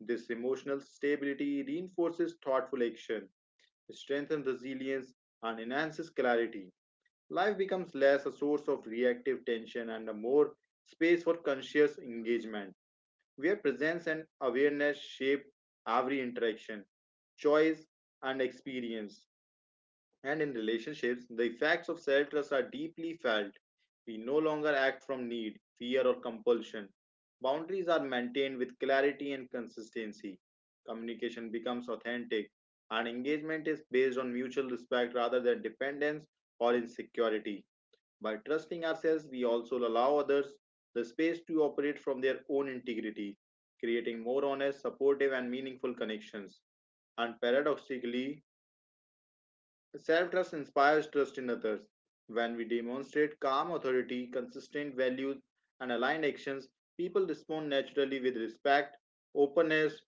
Speaker 1: This emotional stability reinforces thoughtful action, strengthens resilience, and enhances clarity. Life becomes less a source of reactive tension and a more space for conscious engagement, where presence and awareness shape every interaction, choice, and experience. And in relationships, the effects of self trust are deeply felt. We no longer act from need, fear, or compulsion. Boundaries are maintained with clarity and consistency. Communication becomes authentic, and engagement is based on mutual respect rather than dependence or insecurity. By trusting ourselves, we also allow others the space to operate from their own integrity, creating more honest, supportive, and meaningful connections. And paradoxically, self trust inspires trust in others. When we demonstrate calm authority, consistent values, and aligned actions, people respond naturally with respect, openness,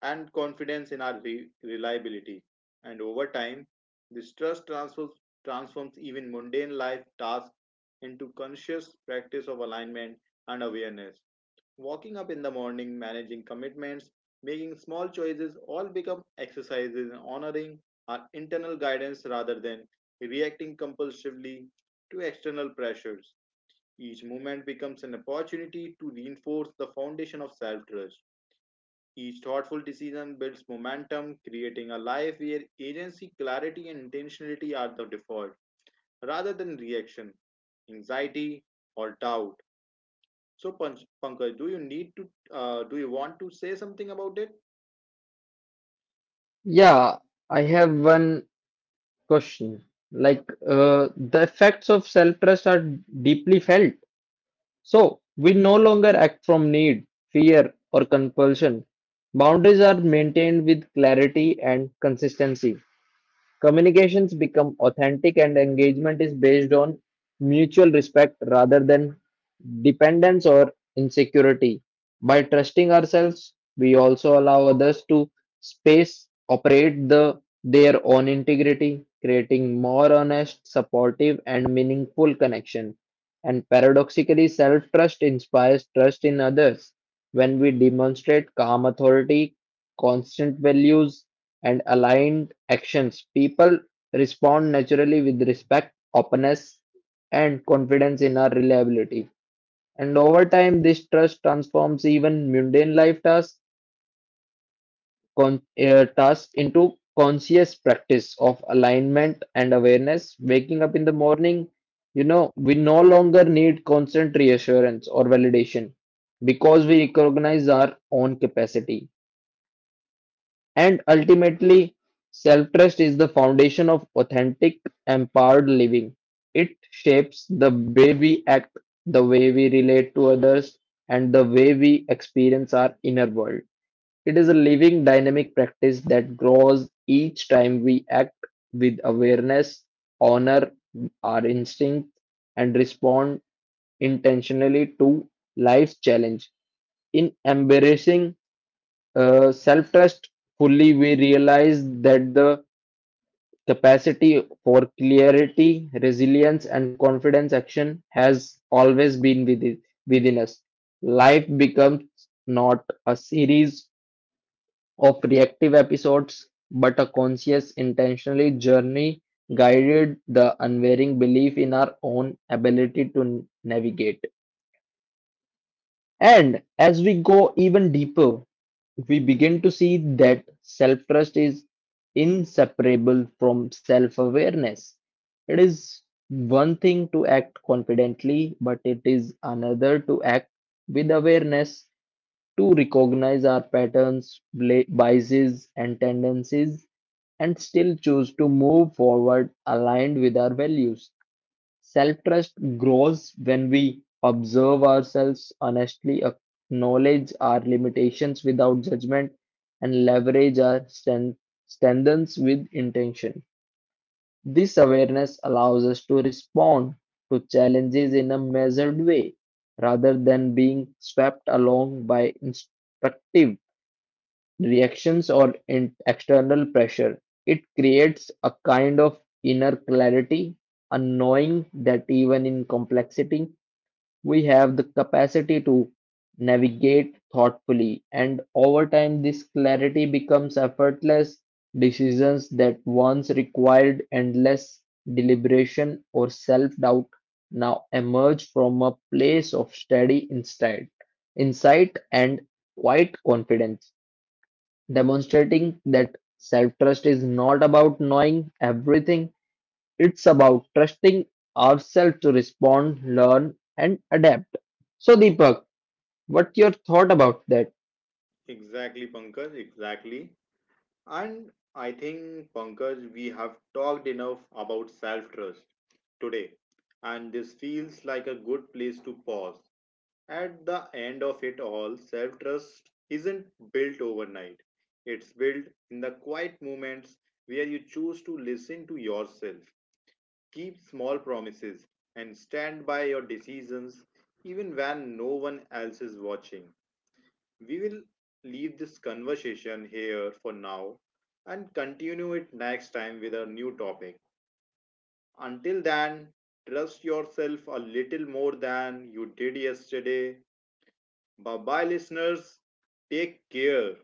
Speaker 1: and confidence in our reliability. And over time, this transforms even mundane life tasks into conscious practice of alignment and awareness. Walking up in the morning, managing commitments, making small choices all become exercises in honoring our internal guidance rather than reacting compulsively to external pressures. Each movement becomes an opportunity to reinforce the foundation of self trust. Each thoughtful decision builds momentum, creating a life where agency, clarity, and intentionality are the default rather than reaction, anxiety, or doubt. So, Pankaj, do you need to, do you want to say something about it?
Speaker 2: Yeah, I have one question. Like the effects of self trust are deeply felt. So we no longer act from need, fear, or compulsion. Boundaries are maintained with clarity and consistency. Communications become authentic and engagement is based on mutual respect rather than dependence or insecurity. By trusting ourselves, we also allow others to space operate the their own integrity, creating more honest, supportive and meaningful connection. And paradoxically, self-trust inspires trust in others. When we demonstrate calm authority, constant values and aligned actions, people respond naturally with respect, openness, and confidence in our reliability. And over time, this trust transforms even mundane life tasks, tasks into conscious practice of alignment and awareness. Waking up in the morning, you know, we no longer need constant reassurance or validation because we recognize our own capacity. And ultimately, self trust is the foundation of authentic, empowered living. It shapes the way we act, the way we relate to others, and the way we experience our inner world. It is a living, dynamic practice that grows each time we act with awareness, honor our instincts, and respond intentionally to life's challenge. In embracing self trust fully, we realize that the capacity for clarity, resilience, and confidence action has always been within us. Life becomes not a series of reactive episodes, but a conscious, intentionally journey guided the unwavering belief in our own ability to navigate. And as we go even deeper, we begin to see that self trust is inseparable from self awareness. It is one thing to act confidently, but it is another to act with awareness, to recognize our patterns, biases, and tendencies, and still choose to move forward aligned with our values. Self trust grows when we observe ourselves honestly, acknowledge our limitations without judgment, and leverage our strengths with intention. This awareness allows us to respond to challenges in a measured way rather than being swept along by instructive reactions or in external pressure. It creates a kind of inner clarity, a knowing that even in complexity, we have the capacity to navigate thoughtfully. And over time, this clarity becomes effortless decisions that once required endless deliberation or self doubt now emerge from a place of steady insight and quiet confidence demonstrating that self-trust is not about knowing everything, it's about trusting ourselves to respond, learn, and adapt. So, Deepak, what's your thought about that?
Speaker 1: Exactly, Pankaj, exactly. And I think, Pankaj, we have talked enough about self trust today, and this feels like a good place to pause. At the end of it all, self trust isn't built overnight. It's built in the quiet moments where you choose to listen to yourself, keep small promises, and stand by your decisions even when no one else is watching. We will leave this conversation here for now and continue it next time with a new topic. Until then, trust yourself a little more than you did yesterday. Bye bye, listeners. Take care.